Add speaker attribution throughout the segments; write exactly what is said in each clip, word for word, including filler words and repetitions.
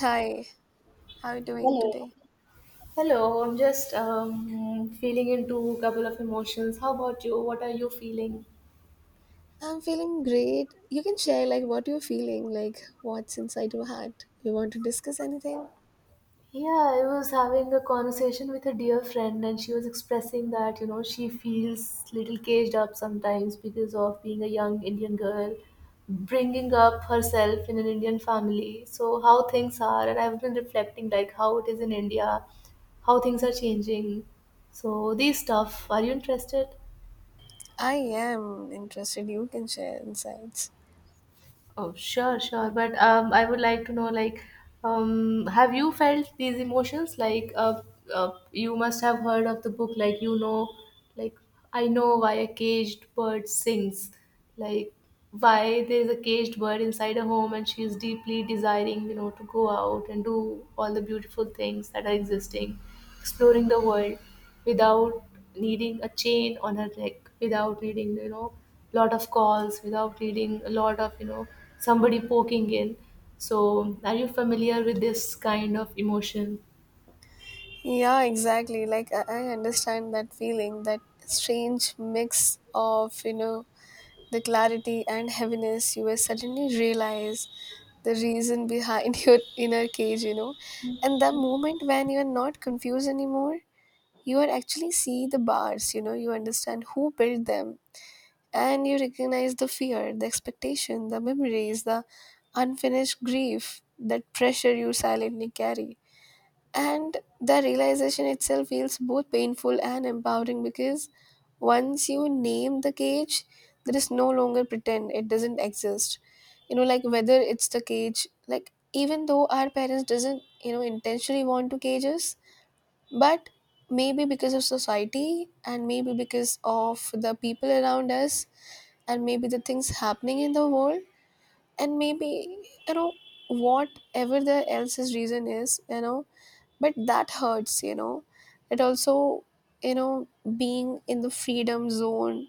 Speaker 1: Hi, how are you doing
Speaker 2: Hello.
Speaker 1: today?
Speaker 2: Hello, I'm just um, feeling into a couple of emotions. How about you? What are you feeling?
Speaker 1: I'm feeling great. You can share like what you're feeling, like what's inside your heart. You want to discuss anything?
Speaker 2: Yeah, I was having a conversation with a dear friend, and she was expressing that, you know, she feels little caged up sometimes because of being a young Indian girl, bringing up herself in an Indian family. So, how things are, and I've been reflecting like how it is in India, how things are changing. So, these stuff, are you interested?
Speaker 1: I am interested. You can share insights.
Speaker 2: Oh, sure, sure. But um, I would like to know, like, um, have you felt these emotions? Like, uh, uh, you must have heard of the book, like, you know, like, I know why a caged bird sings, like, why there is a caged bird inside a home and she is deeply desiring, you know, to go out and do all the beautiful things that are existing, exploring the world without needing a chain on her neck, without needing, you know, lot of calls without reading, a lot of, you know, somebody poking in. So, are you familiar with this kind of emotion?
Speaker 1: Yeah, exactly. Like I, I understand that feeling, that strange mix of, you know, the clarity and heaviness you will suddenly realize the reason behind your inner cage, you know. And the moment when you're not confused anymore, you are actually see the bars, you know, you understand who built them, and you recognize the fear, the expectation, the memories, the unfinished grief, that pressure you silently carry, and the realization itself feels both painful and empowering because once you name the cage, there is no longer pretend it doesn't exist. You know, like whether it's the cage, like, even though our parents doesn't, you know, intentionally want to cage us, but maybe because of society, and maybe because of the people around us, and maybe the things happening in the world, and maybe, you know, whatever the else's reason is, you know, but that hurts, you know. It also, you know, being in the freedom zone,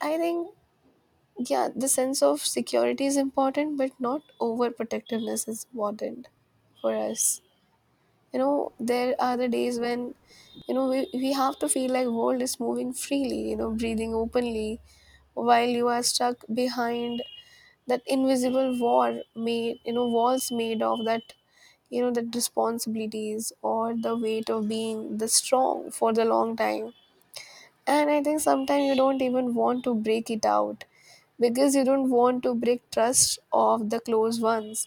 Speaker 1: I think, yeah, the sense of security is important, but not overprotectiveness is important for us. You know, there are the days when, you know, we, we have to feel like world is moving freely, you know, breathing openly, while you are stuck behind that invisible war made, you know, walls made of that, you know, that responsibilities or the weight of being the strong for the long time. And I think sometimes you don't even want to break it out because you don't want to break trust of the close ones,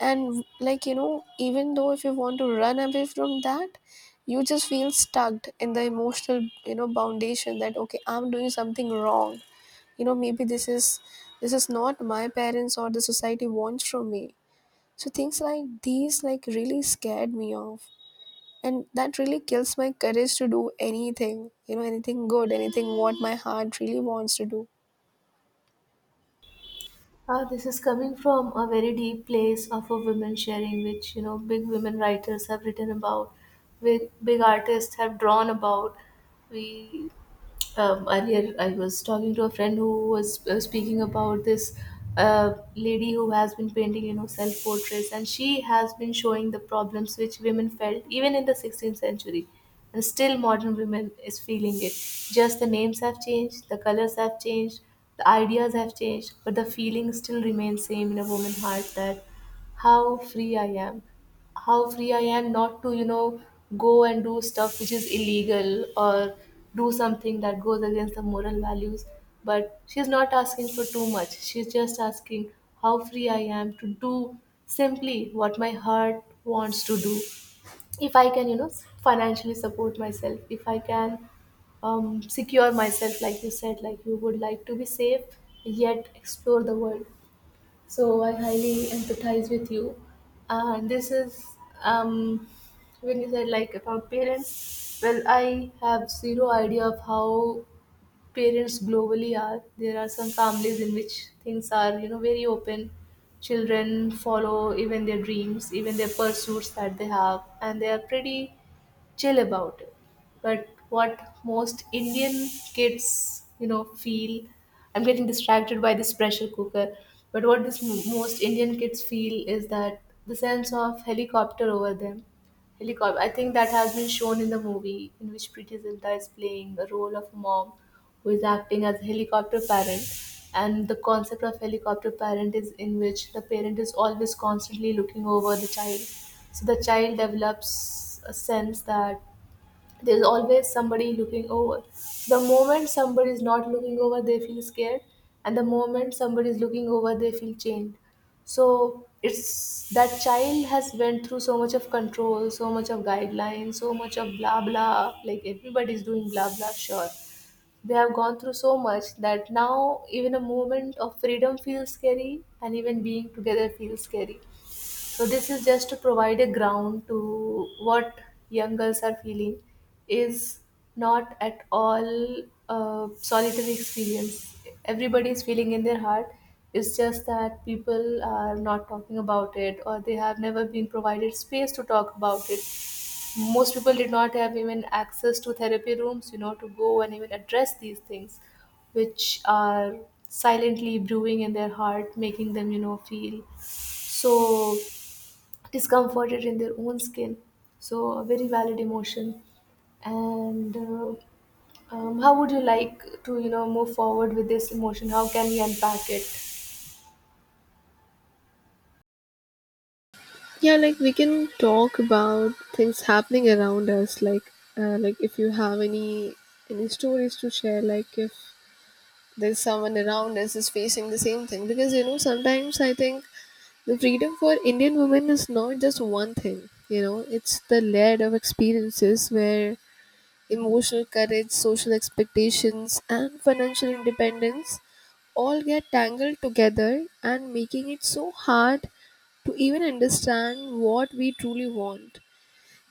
Speaker 1: and like, you know, even though if you want to run away from that, you just feel stuck in the emotional, you know, foundation that okay, I'm doing something wrong. You know, maybe this is, this is not my parents or the society wants from me. So things like these like really scared me off, and that really kills my courage to do anything, you know, anything good, anything what my heart really wants to do.
Speaker 2: Uh, this is coming from a very deep place of a women sharing, which you know big women writers have written about, big big artists have drawn about. We um, earlier I was talking to a friend who was uh, speaking about this uh, lady who has been painting, you know, self portraits, and she has been showing the problems which women felt even in the sixteenth century, and still modern women is feeling it. Just the names have changed, the colors have changed, the ideas have changed, but the feeling still remains same in a woman's heart that how free I am, how free I am not to, you know, go and do stuff which is illegal or do something that goes against the moral values. But she's not asking for too much. She's just asking how free I am to do simply what my heart wants to do. If I can, you know, financially support myself, if I can um, secure myself, like you said, like you would like to be safe, yet explore the world. So I highly empathize with you. And this is um, when you said like about parents. Well, I have zero idea of how parents globally are. There are some families in which things are you know very open. Children follow even their dreams, even their pursuits that they have, and they are pretty chill about it. But what most Indian kids, you know, feel, I'm getting distracted by this pressure cooker. But what this m- most Indian kids feel is that the sense of helicopter over them. Helicopter. I think that has been shown in the movie in which Preeti Zinta is playing the role of a mom who is acting as a helicopter parent, and the concept of helicopter parent is in which the parent is always constantly looking over the child, so the child develops a sense that there's always somebody looking over. The moment somebody is not looking over, they feel scared, and the moment somebody is looking over, they feel chained. So it's that child has went through so much of control, so much of guidelines, so much of blah blah, like everybody's doing blah blah, sure, they have gone through so much that now even a moment of freedom feels scary and even being together feels scary. So this is just to provide a ground to what young girls are feeling is not at all a solitary experience. Everybody is feeling in their heart. It's just that people are not talking about it or they have never been provided space to talk about it. Most people did not have even access to therapy rooms, you know, to go and even address these things, which are silently brewing in their heart, making them, you know, feel so discomforted in their own skin. So, a very valid emotion. And uh, um, how would you like to, you know, move forward with this emotion? How can we unpack it?
Speaker 1: Yeah, like we can talk about things happening around us. Like, uh, like if you have any any stories to share, like if there's someone around us is facing the same thing, because you know sometimes I think the freedom for Indian women is not just one thing. You know, it's the layer of experiences where emotional courage, social expectations, and financial independence all get tangled together and making it so hard to even understand what we truly want,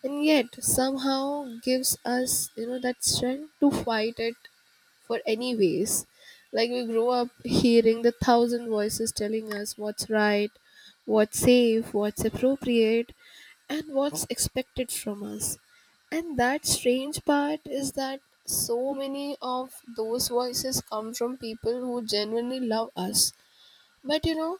Speaker 1: and yet somehow gives us, you know, that strength to fight it for anyways. Like we grow up hearing the thousand voices telling us what's right, what's safe, what's appropriate, and what's expected from us. And that strange part is that so many of those voices come from people who genuinely love us, but you know,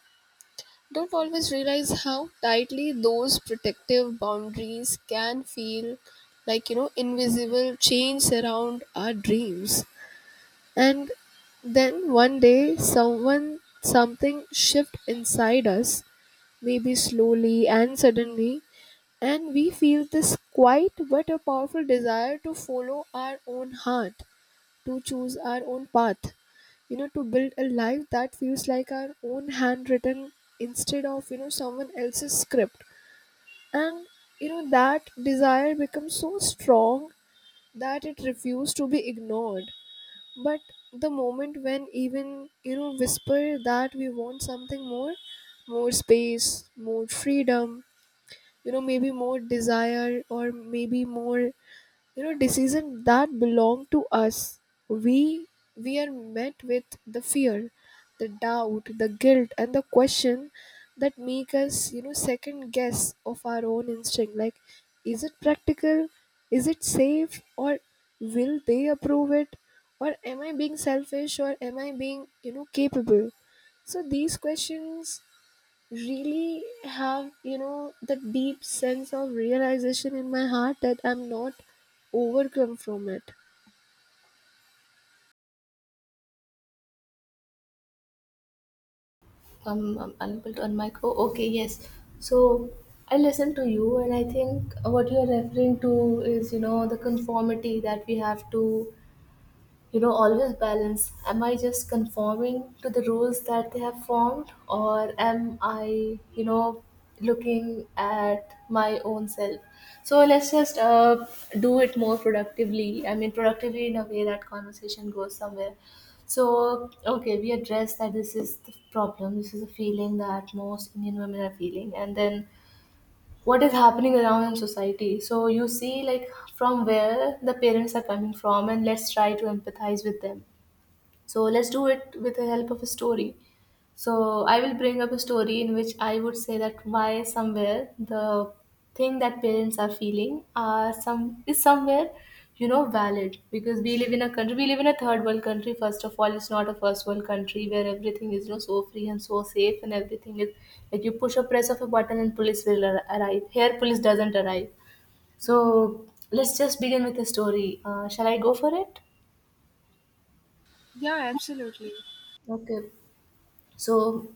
Speaker 1: don't always realize how tightly those protective boundaries can feel, like, you know, invisible chains around our dreams. And then one day, someone, something shift inside us, maybe slowly and suddenly, and we feel this quiet but a powerful desire to follow our own heart, to choose our own path, you know, to build a life that feels like our own handwritten instead of, you know, someone else's script. And, you know, that desire becomes so strong that it refused to be ignored. But the moment when even, you know, whisper that we want something more, more space, more freedom, you know, maybe more desire or maybe more, you know, decisions that belong to us, we we are met with the fear, the doubt, the guilt, and the question that make us, you know, second guess of our own instinct. Like, is it practical, is it safe, or will they approve it, or am I being selfish, or am I being, you know, capable? So these questions really have, you know, that deep sense of realization in my heart that I'm not overcome from it.
Speaker 2: um, I'm unable to unmic. Oh, okay, yes. So I listen to you, and I think what you are referring to is, you know, the conformity that we have to, you know, always balance. Am I just conforming to the rules that they have formed, or am I, you know, looking at my own self? So let's just uh, do it more productively. I mean productively in a way that conversation goes somewhere. So okay, we address that this is the problem, this is a feeling that most Indian women are feeling, and then what is happening around in society. So you see, like, from where the parents are coming from, and let's try to empathize with them. So let's do it with the help of a story. So I will bring up a story in which I would say that why somewhere the thing that parents are feeling are some is somewhere, you know, valid, because we live in a country, we live in a third world country. First of all, it's not a first world country where everything is, you know, so free and so safe and everything is like you push a press of a button and police will ar- arrive here. Police doesn't arrive. So let's just begin with the story. Uh, shall I go for it?
Speaker 1: Yeah, absolutely.
Speaker 2: Okay, so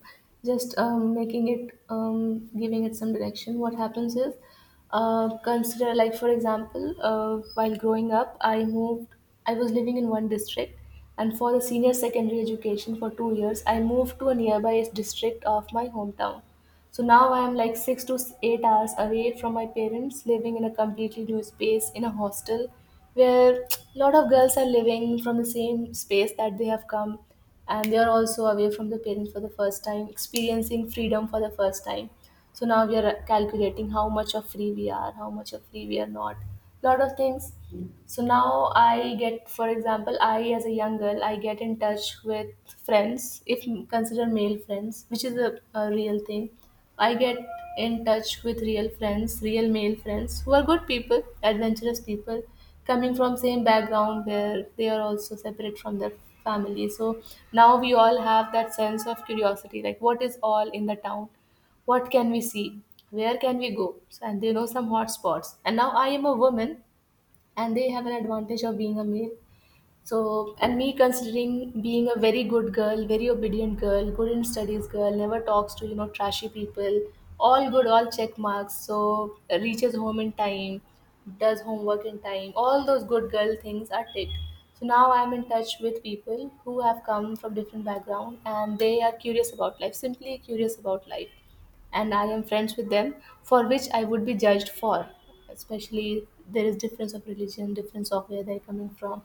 Speaker 2: just um, making it um, giving it some direction. What happens is, uh, consider, like, for example, uh, while growing up, I moved I was living in one district, and for the senior secondary education for two years I moved to a nearby district of my hometown. So now I am like six to eight hours away from my parents, living in a completely new space in a hostel where a lot of girls are living from the same space that they have come, and they are also away from the parents for the first time, experiencing freedom for the first time. So now we are calculating how much of free we are, how much of free we are not, lot of things. So now I get, for example, I as a young girl, I get in touch with friends, if consider male friends, which is a, a real thing. I get in touch with real friends, real male friends, who are good people, adventurous people, coming from same background where they are also separate from their family. So now we all have that sense of curiosity, like what is all in the town, what can we see, where can we go. So, and they know some hot spots, and now I am a woman, and they have an advantage of being a male. So, and me considering being a very good girl, very obedient girl, good in studies girl, never talks to, you know, trashy people, all good, all check marks. So, reaches home in time, does homework in time, all those good girl things are ticked. So now I'm in touch with people who have come from different background and they are curious about life, simply curious about life, and I am friends with them, for which I would be judged for. Especially there is difference of religion, difference of where they're coming from.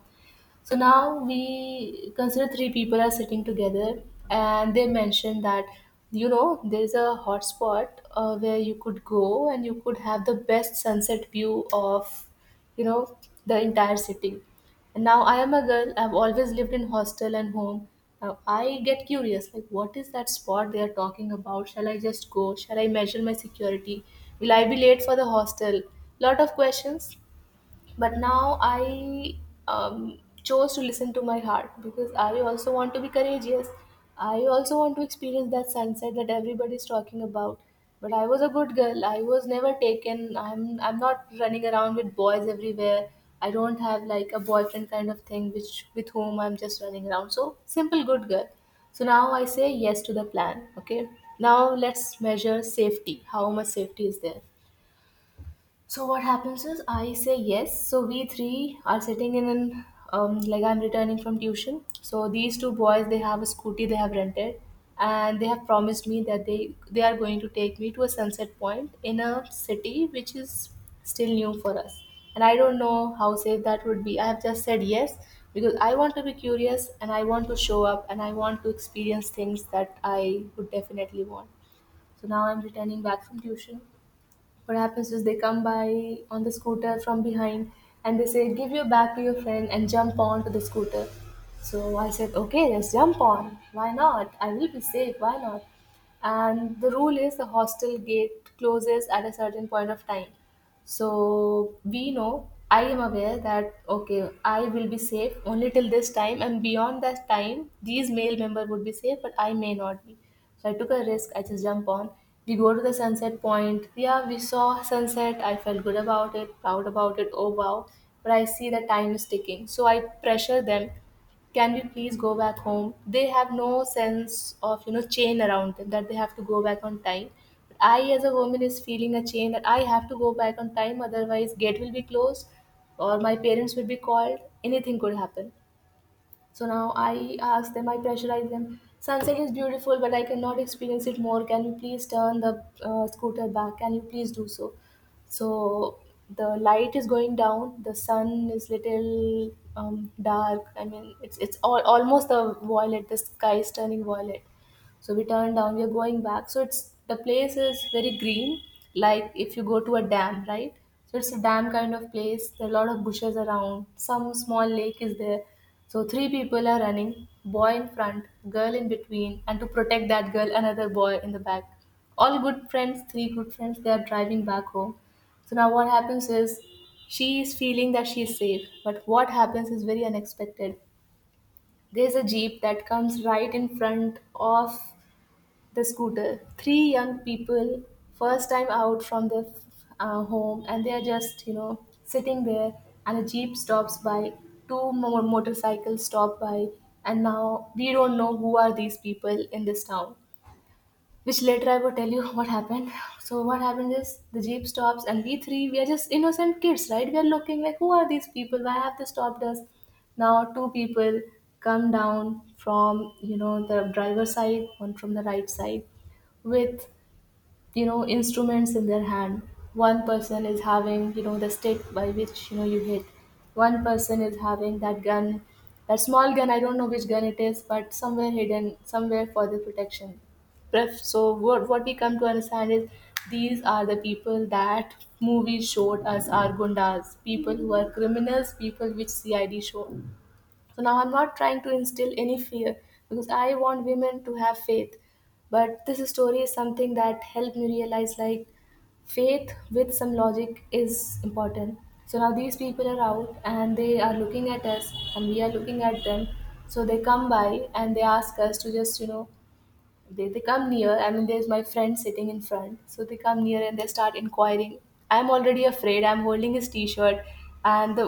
Speaker 2: So now we consider three people are sitting together, and they mentioned that, you know, there's a hotspot uh, where you could go and you could have the best sunset view of, you know, the entire city. And now I am a girl. I've always lived in hostel and home. Now I get curious, like what is that spot they are talking about? Shall I just go? Shall I measure my security? Will I be late for the hostel? Lot of questions. But now I um, chose to listen to my heart, because I also want to be courageous, I also want to experience that sunset that everybody is talking about. But I was a good girl, I was never taken, i'm i'm not running around with boys everywhere, I don't have like a boyfriend kind of thing which with whom I'm just running around, so simple good girl. So now I say yes to the plan. Okay, now let's measure safety, how much safety is there. So what happens is, I say yes. So we three are sitting in an um, like I'm returning from tuition. So these two boys, they have a scooty they have rented, and they have promised me that they they are going to take me to a sunset point in a city which is still new for us. And I don't know how safe that would be. I have just said yes, because I want to be curious and I want to show up and I want to experience things that I would definitely want. So now I'm returning back from tuition. What happens is they come by on the scooter from behind, and they say, "Give your bag to your friend and jump on to the scooter." So I said, "Okay, let's jump on. Why not? I will be safe. Why not?" And the rule is the hostel gate closes at a certain point of time. So we know, I am aware that, okay, I will be safe only till this time, and beyond that time, these male member would be safe, but I may not be. So I took a risk, I just jump on. We go to the sunset point. Yeah, we saw sunset. I felt good about it, proud about it. Oh wow. But I see that time is ticking. So I pressure them, can we please go back home? They have no sense of, you know, chain around them that they have to go back on time, but I as a woman is feeling a chain that I have to go back on time, otherwise gate will be closed or my parents will be called. Anything could happen. So now I ask them, I pressurize them. Sunset is beautiful, but I cannot experience it more. Can you please turn the uh, scooter back? Can you please do so? So the light is going down. The sun is little um, dark. I mean, it's it's all, almost the violet. The sky is turning violet. So we turn down, we're going back. So it's, the place is very green, like if you go to a dam, right? So it's a dam kind of place. There are a lot of bushes around. Some small lake is there. So three people are running, boy in front, girl in between, and to protect that girl, another boy in the back. All good friends, three good friends, they are driving back home. So now what happens is, she is feeling that she is safe, but what happens is very unexpected. There's a jeep that comes right in front of the scooter. Three young people, first time out from their uh, home, and they're just, you know, sitting there. And a jeep stops by, two more motorcycles stop by, and now we don't know who are these people in this town, which later I will tell you what happened. So what happened is, the jeep stops, and we three, we are just innocent kids, right? We are looking like, who are these people? Why have they stopped us? Now two people come down from, you know, the driver's side, one from the right side, with, you know, instruments in their hand. One person is having, you know, the stick by which, you know, you hit. One person is having that gun, that small gun, I don't know which gun it is, but somewhere hidden somewhere for the protection. Pref- so what, what we come to understand is, these are the people that movies showed us are gundas, people who are criminals, people which C I D showed. So now I'm not trying to instill any fear, because I want women to have faith. But this story is something that helped me realize, like, faith with some logic is important. So now these people are out and they are looking at us and we are looking at them. So they come by and they ask us to just, you know, they, they come near. I mean, there's my friend sitting in front, so they come near and they start inquiring. I'm already afraid, I'm holding his t-shirt, and the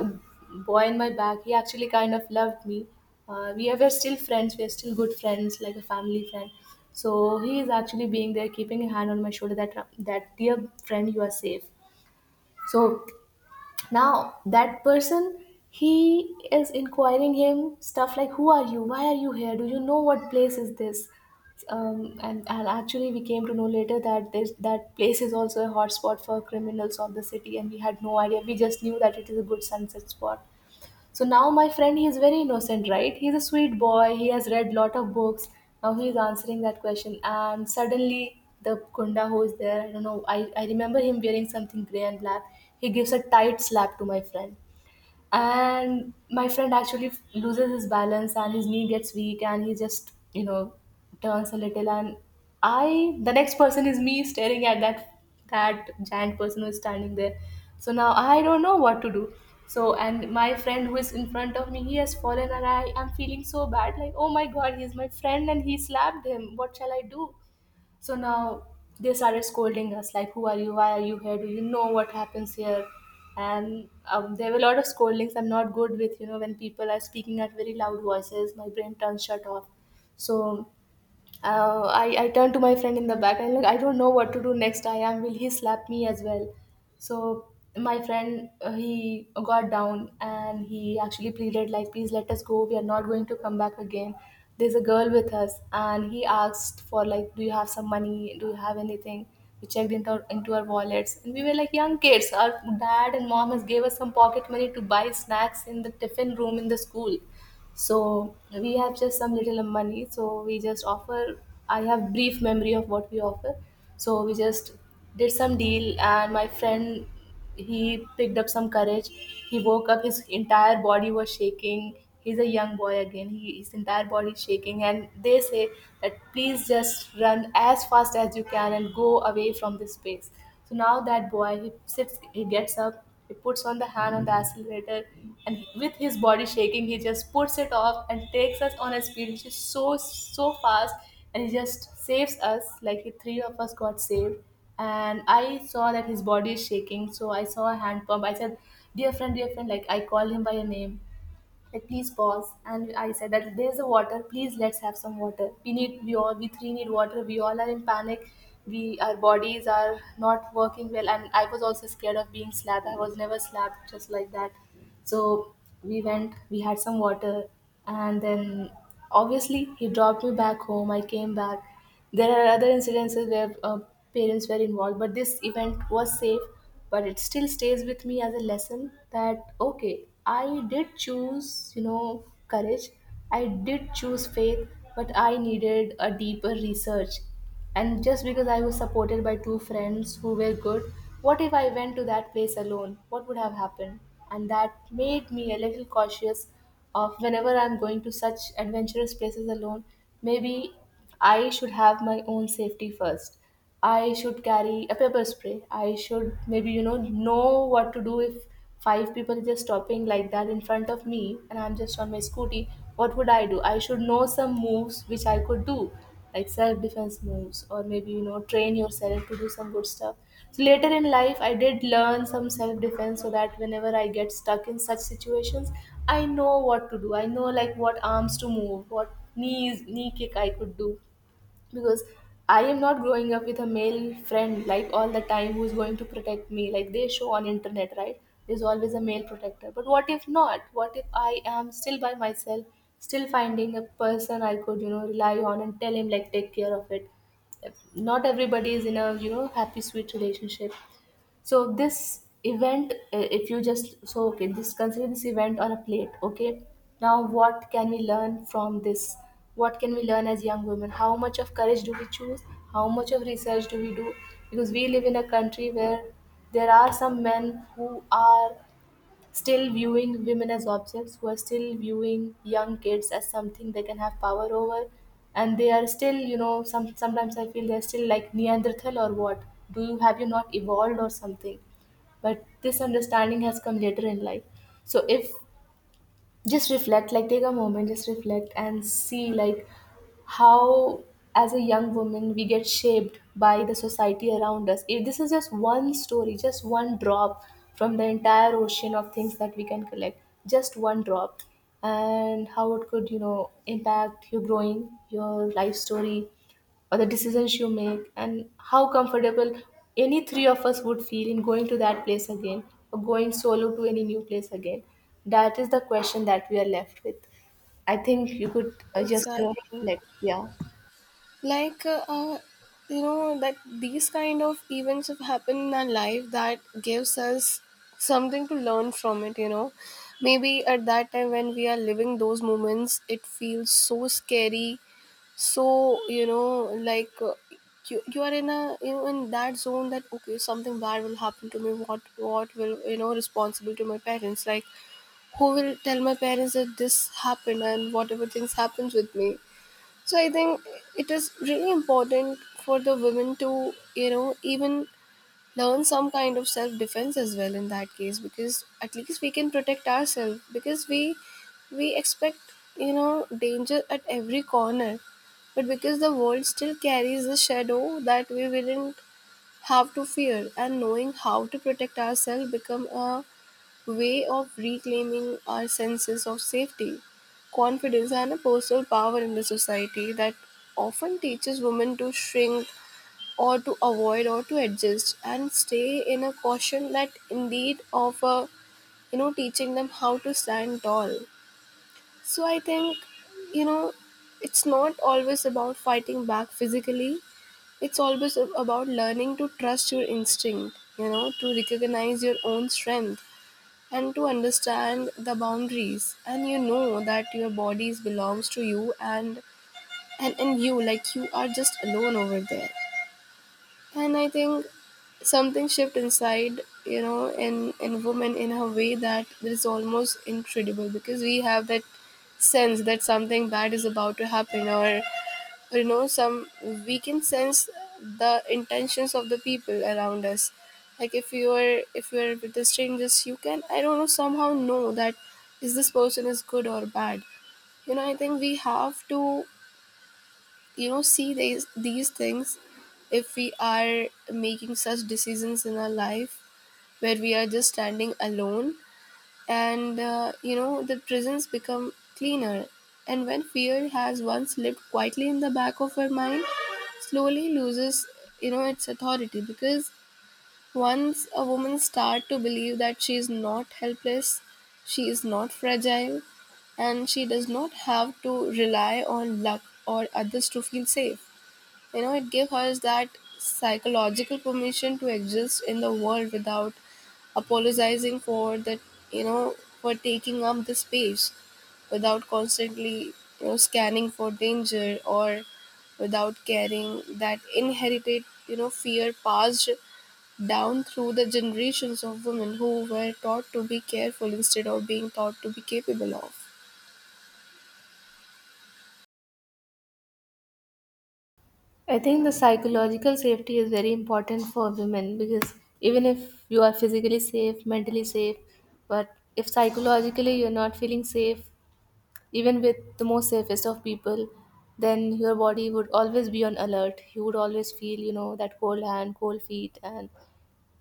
Speaker 2: boy in my back, he actually kind of loved me. uh, we are we're still friends, we're still good friends, like a family friend. So he is actually being there, keeping a hand on my shoulder, that, "That dear friend, you are safe." So now that person, he is inquiring him stuff like, "Who are you? Why are you here? Do you know what place is this?" Um, and, and actually we came to know later that this, that place is also a hotspot for criminals of the city, and we had no idea. We just knew that it is a good sunset spot. So now my friend, he is very innocent, right? He's a sweet boy. He has read lot of books. Now he is answering that question, and suddenly the kunda who is there, I don't know. I, I remember him wearing something gray and black. He gives a tight slap to my friend, and my friend actually f- loses his balance and his knee gets weak, and he just, you know, turns a little, and I, the next person is me, staring at that, that giant person who is standing there. So now I don't know what to do. So, and my friend who is in front of me, he has fallen, and I am feeling so bad, like, oh my god, he's my friend and he slapped him, what shall I do? So now they started scolding us, like, who are you? Why are you here? Do you know what happens here? And um, there were a lot of scoldings. I'm not good with, you know, when people are speaking at very loud voices, my brain turns shut off. So uh, I, I turned to my friend in the back and like I don't know what to do next. I am, will he slap me as well? So my friend, uh, he got down and he actually pleaded like, please let us go. We are not going to come back again. There's a girl with us, and he asked for like, do you have some money? Do you have anything? We checked into our, into our wallets, and we were like young kids. Our dad and mom has gave us some pocket money to buy snacks in the tiffin room in the school, so we have just some little money, so we just offer. I have brief memory of what we offer. So we just did some deal, and my friend, he picked up some courage, he woke up, his entire body was shaking. He's a young boy again, he, his entire body is shaking, and they say that, please just run as fast as you can and go away from this place. So now that boy, he sits, he gets up, he puts on the hand on the accelerator, and with his body shaking, he just puts it off and takes us on a speed which is so so fast, and he just saves us. Like the three of us got saved, and I saw that his body is shaking, so I saw a hand pump. I said, "Dear friend, dear friend," like I called him by a name, like please pause. And I said that, there's a water, please let's have some water, we need, we all, we three need water, we all are in panic, we, our bodies are not working well. And I was also scared of being slapped. I was never slapped just like that. So we went, we had some water, and then obviously he dropped me back home. I came back. There are other incidences where uh, parents were involved, but this event was safe. But it still stays with me as a lesson, that, okay, I did choose, you know, courage, I did choose faith, but I needed a deeper research. And just because I was supported by two friends who were good, what if I went to that place alone? What would have happened? And that made me a little cautious of whenever I'm going to such adventurous places alone, maybe I should have my own safety first. I should carry a pepper spray. I should maybe, you know, know what to do if five people are just stopping like that in front of me and I'm just on my scooty. What would I do? I should know some moves which I could do, like self defense moves, or maybe, you know, train yourself to do some good stuff. So later in life, I did learn some self defense so that whenever I get stuck in such situations, I know what to do. I know, like, what arms to move, what knees, knee kick I could do because I am not growing up with a male friend like all the time who's going to protect me like they show on internet, right? There's always a male protector, but what if not? What if I am still by myself, still finding a person I could, you know rely on and tell him like take care of it? Not everybody is in a you know happy sweet relationship. So this event, uh, if you just so okay just consider this event on a plate, okay? Now what can we learn from this? What can we learn as young women? How much of courage do we choose? How much of research do we do? Because we live in a country where there are some men who are still viewing women as objects, who are still viewing young kids as something they can have power over, and they are still, you know, some sometimes I feel they're still like Neanderthal or what? Do you Have you not evolved or something? But this understanding has come later in life. So if just reflect, like take a moment, just reflect and see like how as a young woman we get shaped by the society around us. If this is just one story, just one drop from the entire ocean of things that we can collect, just one drop, and how it could, you know impact your growing, your life story, or the decisions you make, and how comfortable any three of us would feel in going to that place again or going solo to any new place again. That is the question that we are left with. I think you could uh, just uh,
Speaker 1: Exactly,
Speaker 2: reflect. Yeah,
Speaker 1: like uh, uh, you know that these kind of events have happened in our life that gives us something to learn from it. You know, maybe at that time when we are living those moments, it feels so scary. So, you know, like, uh, you, you are in a, you know, in that zone that okay, something bad will happen to me, what what will, you know, responsible to my parents, like who will tell my parents that this happened and whatever things happens with me. So I think it is really important for the women to, you know, even learn some kind of self defense as well, in that case, because at least we can protect ourselves, because we we expect, you know, danger at every corner. But because the world still carries the shadow that we wouldn't have to fear, and knowing how to protect ourselves become a way of reclaiming our senses of safety, confidence, and a personal power in the society that often teaches women to shrink or to avoid or to adjust and stay in a caution that indeed of a, you know, teaching them how to stand tall. So I think, you know, it's not always about fighting back physically. It's always ab- about learning to trust your instinct, you know, to recognize your own strength and to understand the boundaries, and you know that your bodies belongs to you, and and in you, like you are just alone over there. And I think something shift inside, you know, in in women in a way that is almost incredible, because we have that sense that something bad is about to happen, or you know, some, we can sense the intentions of the people around us. Like, if you are if you are with the strangers, you can, I don't know, somehow know that is this person is good or bad. You know, I think we have to, you know, see these these things if we are making such decisions in our life where we are just standing alone. And uh, you know, the prisons become cleaner, and when fear has once lived quietly in the back of our mind, slowly loses, you know, its authority, because once a woman start to believe that she is not helpless, she is not fragile, and she does not have to rely on luck or others to feel safe, you know, it gives her that psychological permission to exist in the world without apologizing for that, you know, for taking up the space, without constantly, you know, scanning for danger, or without carrying that inherited, you know, fear passed down through the generations of women who were taught to be careful instead of being taught to be capable of.
Speaker 2: I think the psychological safety is very important for women, because even if you are physically safe, mentally safe, but if psychologically you're not feeling safe, even with the most safest of people, then your body would always be on alert. You would always feel, you know, that cold hand, cold feet, and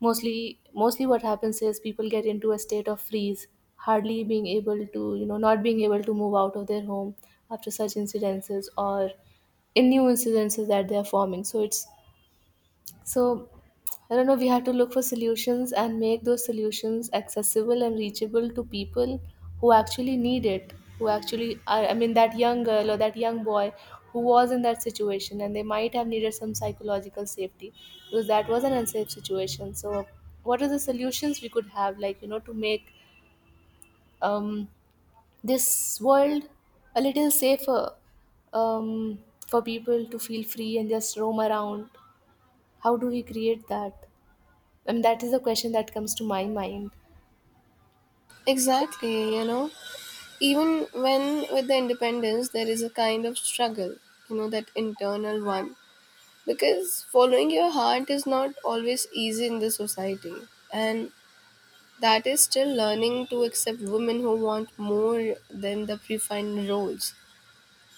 Speaker 2: mostly, mostly what happens is people get into a state of freeze, hardly being able to, you know, not being able to move out of their home after such incidences or in new incidences that they are forming. So it's so, I don't know, we have to look for solutions and make those solutions accessible and reachable to people who actually need it, who actually are, I mean, that young girl or that young boy who was in that situation, and they might have needed some psychological safety because that was an unsafe situation. So what are the solutions we could have, like, you know, to make, um, this world a little safer, um, for people to feel free and just roam around? How do we create that? And that is the question that comes to my mind.
Speaker 1: Exactly, you know, even when with the independence, there is a kind of struggle, you know, that internal one. Because following your heart is not always easy in the society. And that is still learning to accept women who want more than the predefined roles.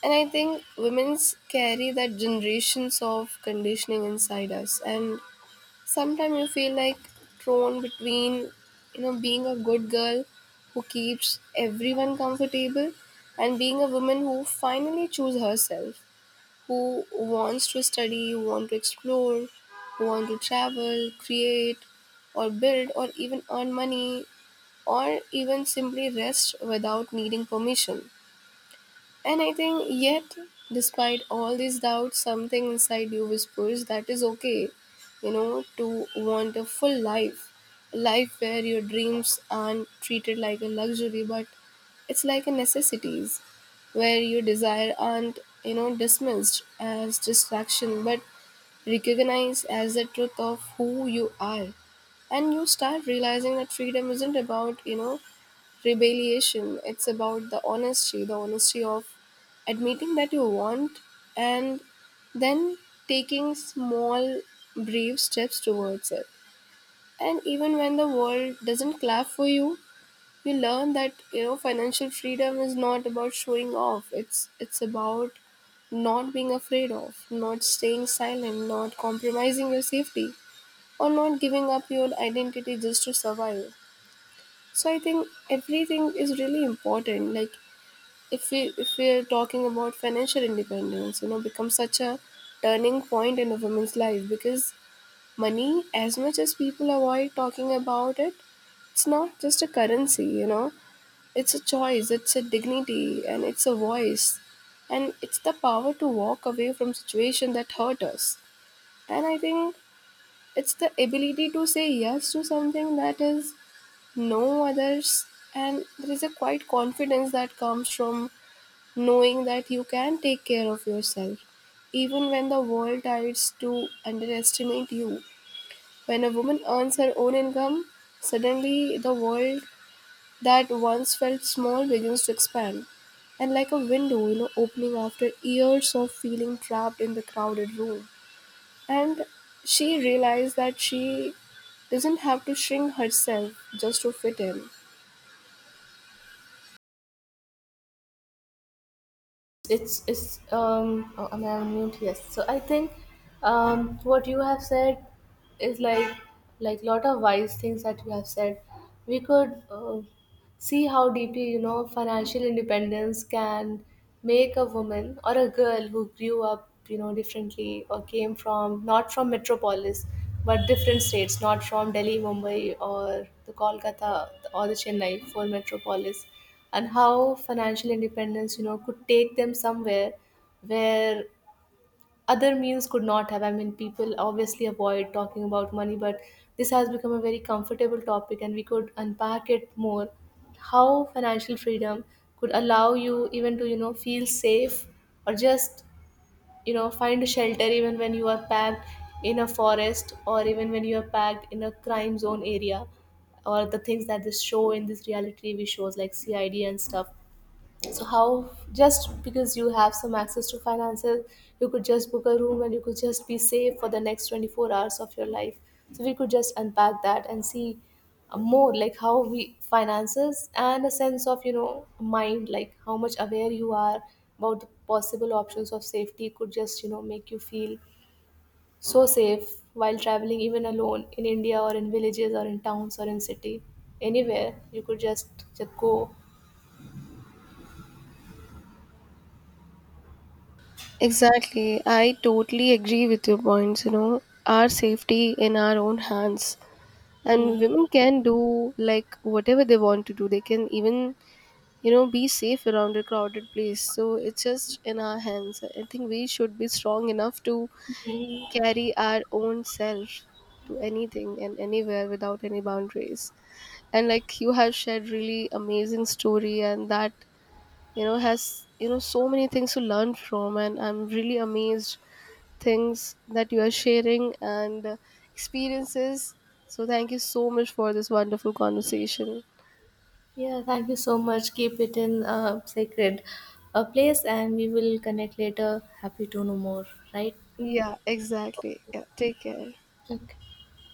Speaker 1: And I think women carry that generations of conditioning inside us. And sometimes you feel like thrown between, you know, being a good girl who keeps everyone comfortable and being a woman who finally chooses herself, who wants to study, who want to explore, who want to travel, create, or build, or even earn money, or even simply rest without needing permission. And I think, yet, despite all these doubts, something inside you whispers that is okay, you know, to want a full life, a life where your dreams aren't treated like a luxury, but it's like a necessities, where your desire aren't, you know, dismissed as distraction, but recognized as the truth of who you are. And you start realizing that freedom isn't about, you know, rebellion. It's about the honesty, the honesty of admitting that you want, and then taking small, brave steps towards it. And even when the world doesn't clap for you, you learn that, you know, financial freedom is not about showing off. It's it's about not being afraid of, not staying silent, not compromising your safety, or not giving up your identity just to survive. So I think everything is really important. Like if we if we are talking about financial independence, you know, becomes such a turning point in a woman's life, because money, as much as people avoid talking about it, it's not just a currency, you know, it's a choice, it's a dignity, and it's a voice, and it's the power to walk away from situation that hurt us. And I think it's the ability to say yes to something that is no others. And there is a quite confidence that comes from knowing that you can take care of yourself, even when the world tries to underestimate you. When a woman earns her own income, suddenly the world that once felt small begins to expand. And like a window, you know, opening after years of feeling trapped in the crowded room. And she realized that she doesn't have to shrink herself just to fit in.
Speaker 2: It's it's um Oh, am I on mute? Yes. So I think, um what you have said is like like lot of wise things that you have said. We could uh, see how deeply, you know, financial independence can make a woman or a girl who grew up, you know, differently, or came from not from metropolis but different states, not from Delhi, Mumbai, or the Kolkata or the Chennai for metropolis, and how financial independence, you know, could take them somewhere where other means could not have. I mean, people obviously avoid talking about money, but this has become a very comfortable topic, and we could unpack it more. How financial freedom could allow you even to, you know, feel safe, or just, you know, find a shelter even when you are packed in a forest, or even when you are packed in a crime zone area, or the things that this show in this reality T V shows like CID and stuff. So how, just because you have some access to finances, you could just book a room and you could just be safe for the next twenty-four hours of your life. So we could just unpack that and see, uh, more like how we finances and a sense of, you know, mind, like how much aware you are about the possible options of safety could just, you know, make you feel so safe while traveling even alone in India or in villages or in towns or in city, anywhere you could just, just go.
Speaker 1: Exactly. I totally agree with your points. You know, our safety in our own hands. And
Speaker 2: Hmm.
Speaker 1: women can do like whatever they want to do. They can even, you know, be safe around a crowded place. So it's just in our hands. I think we should be strong enough to carry our own self to anything and anywhere without any boundaries. And like you have shared really amazing story, and that, you know, has, you know, so many things to learn from, and I'm really amazed things that you are sharing, and uh, experiences. So, thank you so much for this wonderful conversation.
Speaker 2: Yeah, thank you so much. Keep it in a sacred uh, place and we will connect later. Happy to know more, right?
Speaker 1: Yeah, exactly. Yeah, take care.
Speaker 2: Okay.